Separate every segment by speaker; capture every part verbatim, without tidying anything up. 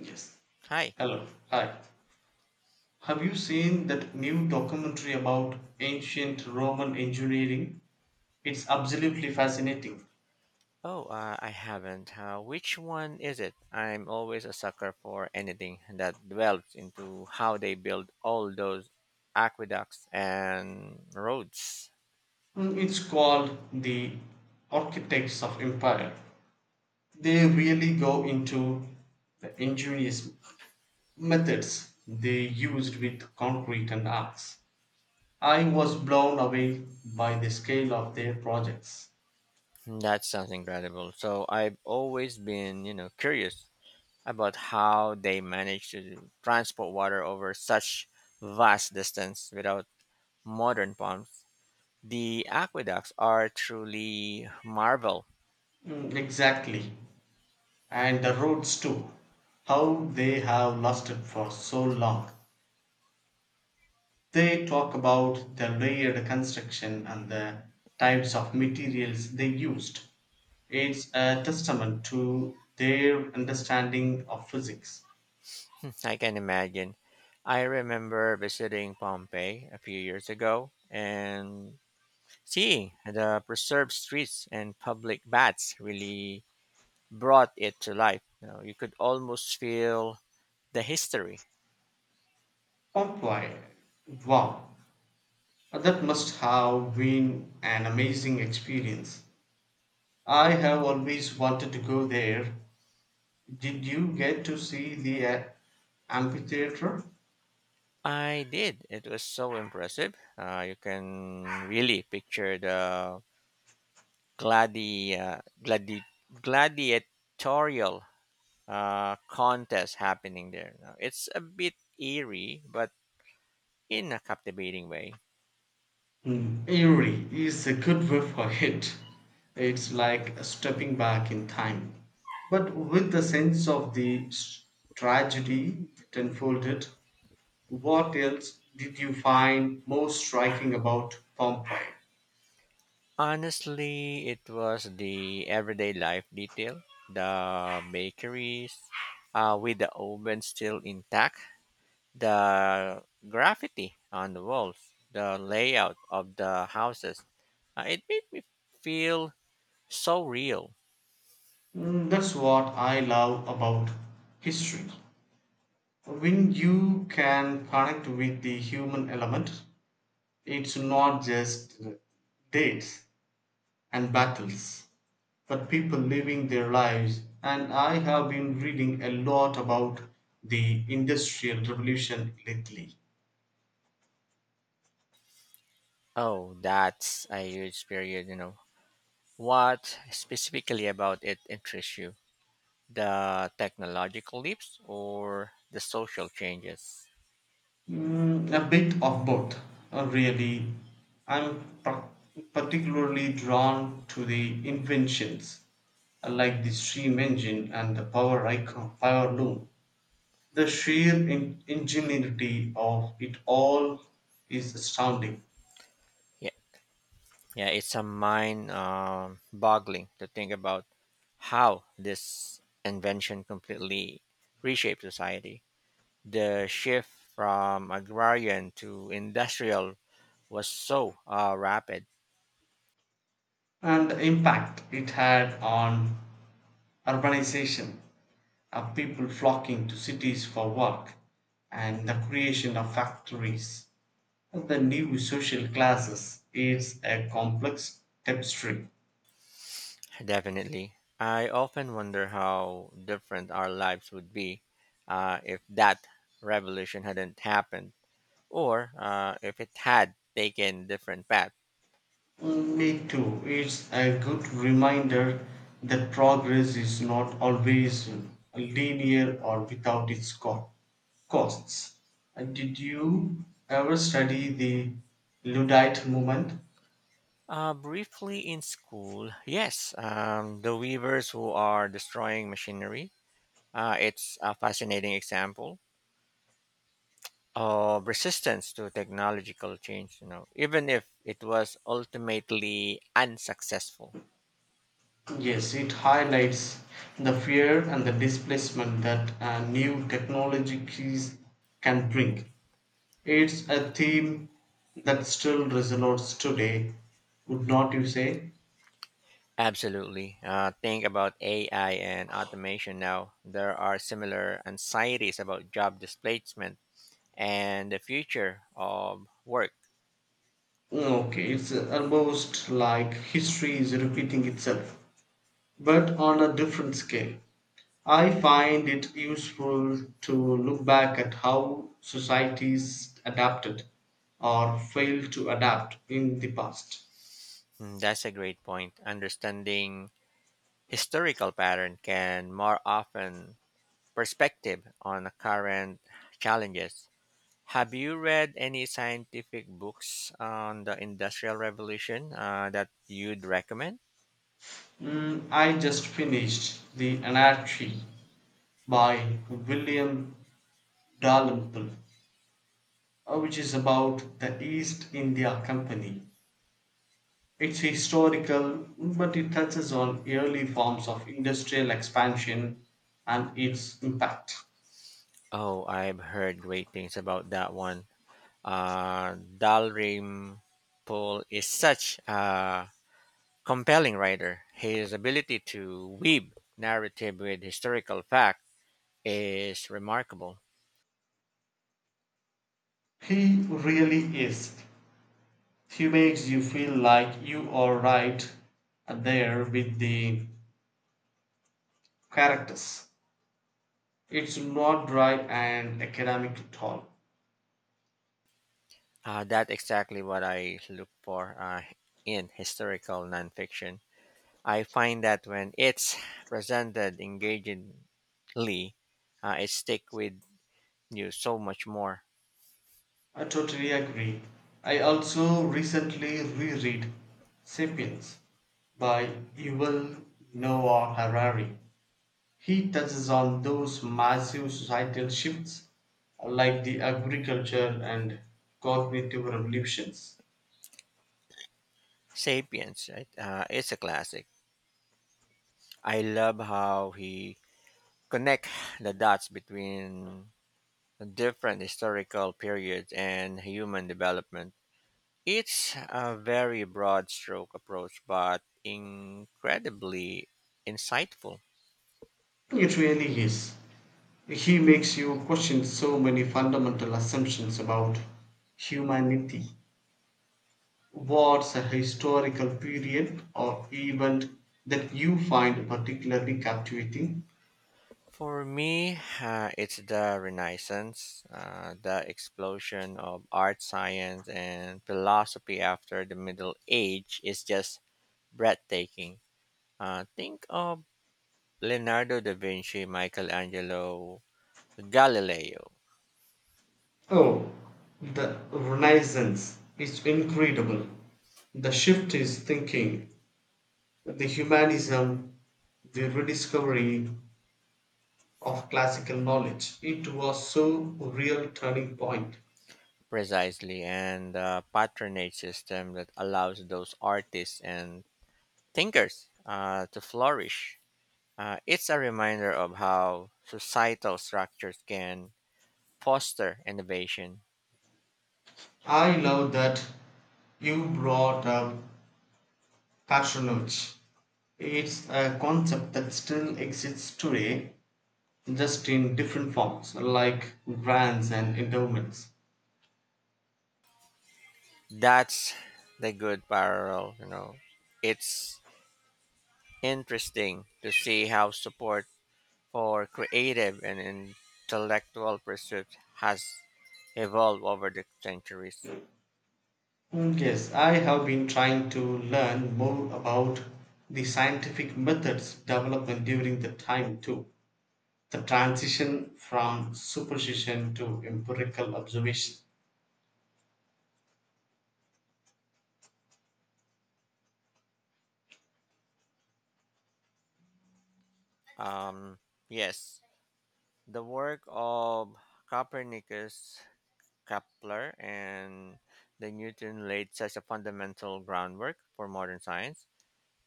Speaker 1: Yes.
Speaker 2: Hi.
Speaker 1: Hello. Hi. Have you seen that new documentary about ancient Roman engineering? It's absolutely fascinating.
Speaker 2: Oh, uh, I haven't. Uh, which one is it? I'm always a sucker for anything that delves into how they build all those aqueducts and roads.
Speaker 1: Mm, It's called The Architects of Empire. They really go into the ingenious methods they used with concrete and arcs. I was blown away by the scale of their projects.
Speaker 2: That sounds incredible. So I've always been, you know, curious about how they manage to transport water over such vast distance without modern pumps. The aqueducts are truly marvel.
Speaker 1: Mm, exactly. And the roads too, how they have lasted for so long! They talk about the layered construction and the types of materials they used. It's a testament to their understanding of physics.
Speaker 2: I can imagine. I remember visiting Pompeii a few years ago and seeing the preserved streets and public baths really brought it to life. You know, you could almost feel the history.
Speaker 1: Pompeii, wow, that must have been an amazing experience. I have always wanted to go there. Did you get to see the uh, amphitheater?
Speaker 2: I did. It was so impressive. Uh, you can really picture the gladi, uh, gladi, gladiatorial uh, contest happening there. Now, it's a bit eerie, but in a captivating way.
Speaker 1: Mm, eerie is a good word for it. It's like stepping back in time, but with the sense of the s- tragedy that unfolded. What else did you find most striking about Pompeii?
Speaker 2: Honestly, it was the everyday life detail, the bakeries uh, with the oven still intact, the graffiti on the walls, the layout of the houses. Uh, it made me feel so real.
Speaker 1: Mm, that's what I love about history. When you can connect with the human element, it's not just dates and battles, but people living their lives. And I have been reading a lot about the Industrial Revolution lately.
Speaker 2: Oh, that's a huge period, you know. What specifically about it interests you? The technological leaps or the social changes?
Speaker 1: Mm, a bit of both, uh, really. I'm par- Particularly drawn to the inventions, uh, like the steam engine and the power icon, power loom. The sheer in- ingenuity of it all is astounding,
Speaker 2: Yeah, it's a mind um boggling to think about how this invention completely reshaped society. The shift from agrarian to industrial was so uh, rapid,
Speaker 1: and the impact it had on urbanization, of people flocking to cities for work, and the creation of factories and the new social classes. It's a complex tapestry.
Speaker 2: definitely. I often wonder how different our lives would be uh, if that revolution hadn't happened or uh, if it had taken different path.
Speaker 1: Me too. It's a good reminder that progress is not always linear or without its co- costs. And did you ever study the Luddite movement?
Speaker 2: Uh, briefly in school, yes, um, the weavers who are destroying machinery. Uh, it's a fascinating example of resistance to technological change, you know, even if it was ultimately unsuccessful.
Speaker 1: Yes, it highlights the fear and the displacement that uh, new technology keys can bring. It's a theme that still resonates today, would not you say?
Speaker 2: Absolutely. Uh, think about A I and automation now. There are similar anxieties about job displacement and the future of work.
Speaker 1: Okay, it's almost like history is repeating itself, but on a different scale. I find it useful to look back at how societies adapted or failed to adapt in the past.
Speaker 2: Mm, That's a great point. Understanding historical pattern can more often perspective on the current challenges. Have you read any scientific books on the Industrial Revolution uh, that you'd recommend?
Speaker 1: Mm, I just finished The Anarchy by William Dalrymple, uh, which is about the East India Company. It's historical, but it touches on early forms of industrial expansion and its impact.
Speaker 2: Oh, I've heard great things about that one. Uh, Dalrymple is such a compelling writer. His ability to weave narrative with historical fact is remarkable.
Speaker 1: He really is. He makes you feel like you are right there with the characters. It's not dry and academic at all.
Speaker 2: Uh, that's exactly what I look for uh, in historical nonfiction. I find that when it's presented engagingly, uh, it stick with you so much more.
Speaker 1: I totally agree. I also recently reread Sapiens by Yuval Noah Harari. He touches on those massive societal shifts like the agriculture and cognitive revolutions.
Speaker 2: Sapiens, right? Uh, it's a classic. I love how he connect the dots between different historical periods and human development. It's a very broad stroke approach, but incredibly insightful.
Speaker 1: It really is. He makes you question so many fundamental assumptions about humanity. What's a historical period or event that you find particularly captivating?
Speaker 2: For me, uh, it's the Renaissance, uh, the explosion of art, science, and philosophy after the Middle Age is just breathtaking. Uh, think of Leonardo da Vinci, Michelangelo, Galileo,
Speaker 1: Oh, the Renaissance is incredible. The shift is thinking, the humanism, the rediscovery of classical knowledge. It was so real turning point.
Speaker 2: precisely, and the patronage system that allows those artists and thinkers uh, to flourish. Uh, it's a reminder of how societal structures can foster innovation.
Speaker 1: I love that you brought up patronage. It's a concept that still exists today, just in different forms, like grants and endowments.
Speaker 2: That's the good parallel, you know. It's interesting to see how support for creative and intellectual pursuits has evolved over the centuries.
Speaker 1: Mm, yes, I have been trying to learn more about the scientific methods development during the time too. The transition from superstition to empirical observation.
Speaker 2: Um, yes, the work of Copernicus, Kepler, and the Newton laid such a fundamental groundwork for modern science.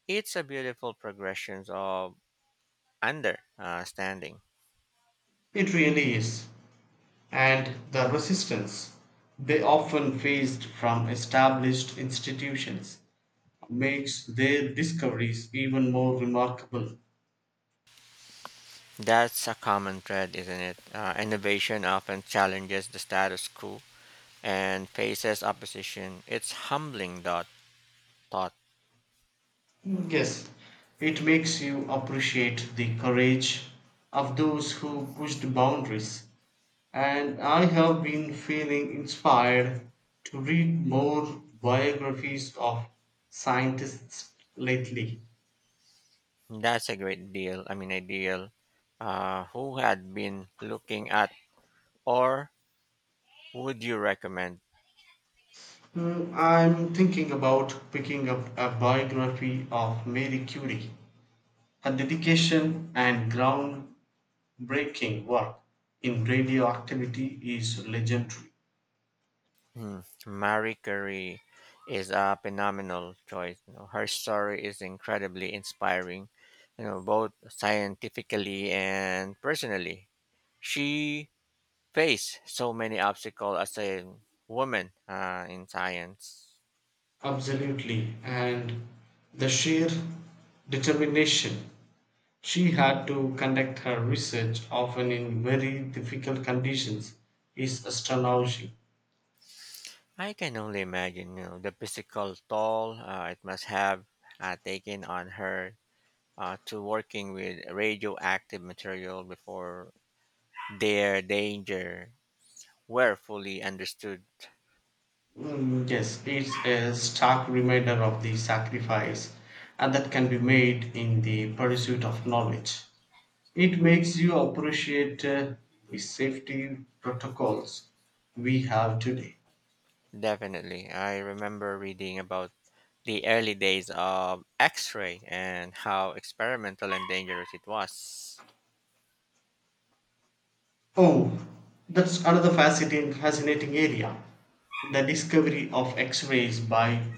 Speaker 2: It's a beautiful progression of understanding.
Speaker 1: It really is. And the resistance they often faced from established institutions makes their discoveries even more remarkable.
Speaker 2: That's a common thread, isn't it? Uh, innovation often challenges the status quo and faces opposition. It's humbling dot thought.
Speaker 1: Yes, it makes you appreciate the courage of those who pushed boundaries. And I have been feeling inspired to read more biographies of scientists lately.
Speaker 2: That's a great deal. I mean, ideal. Uh, who had been looking at, or would you recommend?
Speaker 1: Hmm, I'm thinking about picking up a biography of Marie Curie. Her dedication and groundbreaking work in radioactivity is legendary.
Speaker 2: Hmm. Marie Curie is a phenomenal choice. You know, her story is incredibly inspiring. You know, both scientifically and personally. She face so many obstacles as a woman uh, in science.
Speaker 1: Absolutely. And the sheer determination she had to conduct her research, often in very difficult conditions, is astonishing.
Speaker 2: I can only imagine, you know, the physical toll uh, it must have uh, taken on her uh, to working with radioactive material before their danger were fully understood.
Speaker 1: Mm, yes, it's a stark reminder of the sacrifice and that can be made in the pursuit of knowledge. It makes you appreciate, uh, the safety protocols we have today.
Speaker 2: Definitely, I remember reading about the early days of X-ray and how experimental and dangerous it was.
Speaker 1: Oh, that's another fascinating, fascinating area. The discovery of X-rays by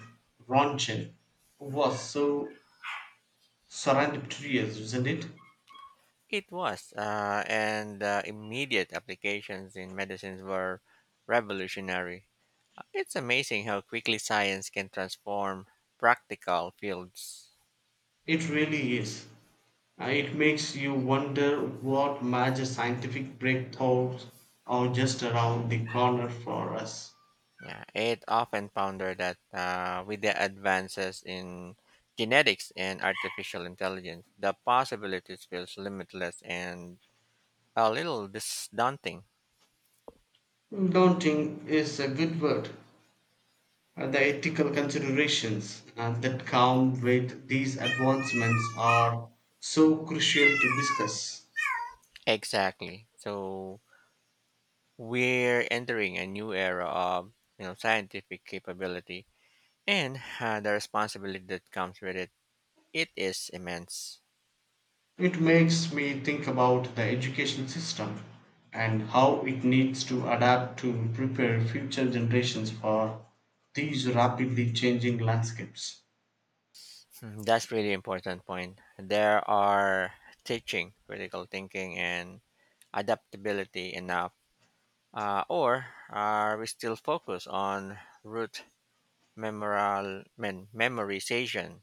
Speaker 1: Röntgen was so serendipitous, isn't it?
Speaker 2: It was, uh, and uh, immediate applications in medicines were revolutionary. Uh, It's amazing how quickly science can transform practical fields.
Speaker 1: It really is. Uh, It makes you wonder what major scientific breakthroughs are just around the corner for us.
Speaker 2: Yeah, it often pondered that uh, with the advances in genetics and artificial intelligence, the possibilities feels limitless and a little dis- daunting.
Speaker 1: Daunting is a good word. Uh, The ethical considerations, uh, that come with these advancements are so crucial to discuss.
Speaker 2: Exactly. So we're entering a new era of you know scientific capability and uh, the responsibility that comes with it it is immense.
Speaker 1: It makes me think about the education system and how it needs to adapt to prepare future generations for these rapidly changing landscapes.
Speaker 2: Hmm, that's really important point there are teaching critical thinking and adaptability enough uh, or are we still focused on root memorial men, memorization.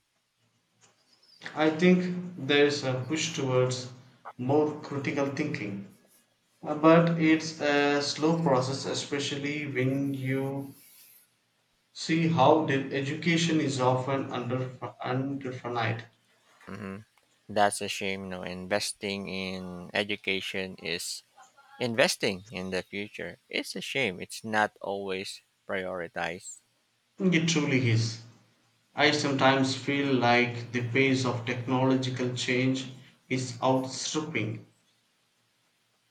Speaker 1: I think there's a push towards more critical thinking, uh, but it's a slow process, especially when you see how the education is often under underfunded.
Speaker 2: Hmm, that's a shame, you know investing in education is investing in the future, it's a shame it's not always prioritized.
Speaker 1: It truly is. I sometimes feel like the pace of technological change is outstripping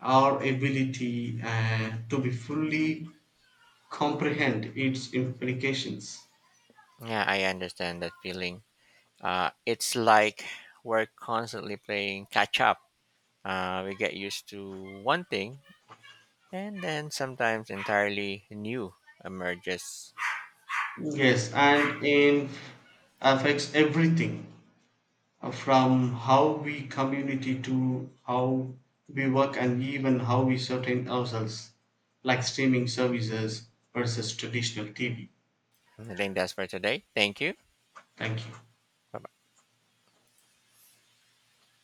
Speaker 1: our ability, uh, to be fully comprehend its implications.
Speaker 2: Yeah, I understand that feeling. Uh, it's like we're constantly playing catch up. Uh, we get used to one thing, and then sometimes entirely new emerges.
Speaker 1: Yes, and it affects everything, uh, from how we community to how we work and even how we sustain ourselves, like streaming services versus traditional T V.
Speaker 2: I think that's for today. Thank you.
Speaker 1: Thank you.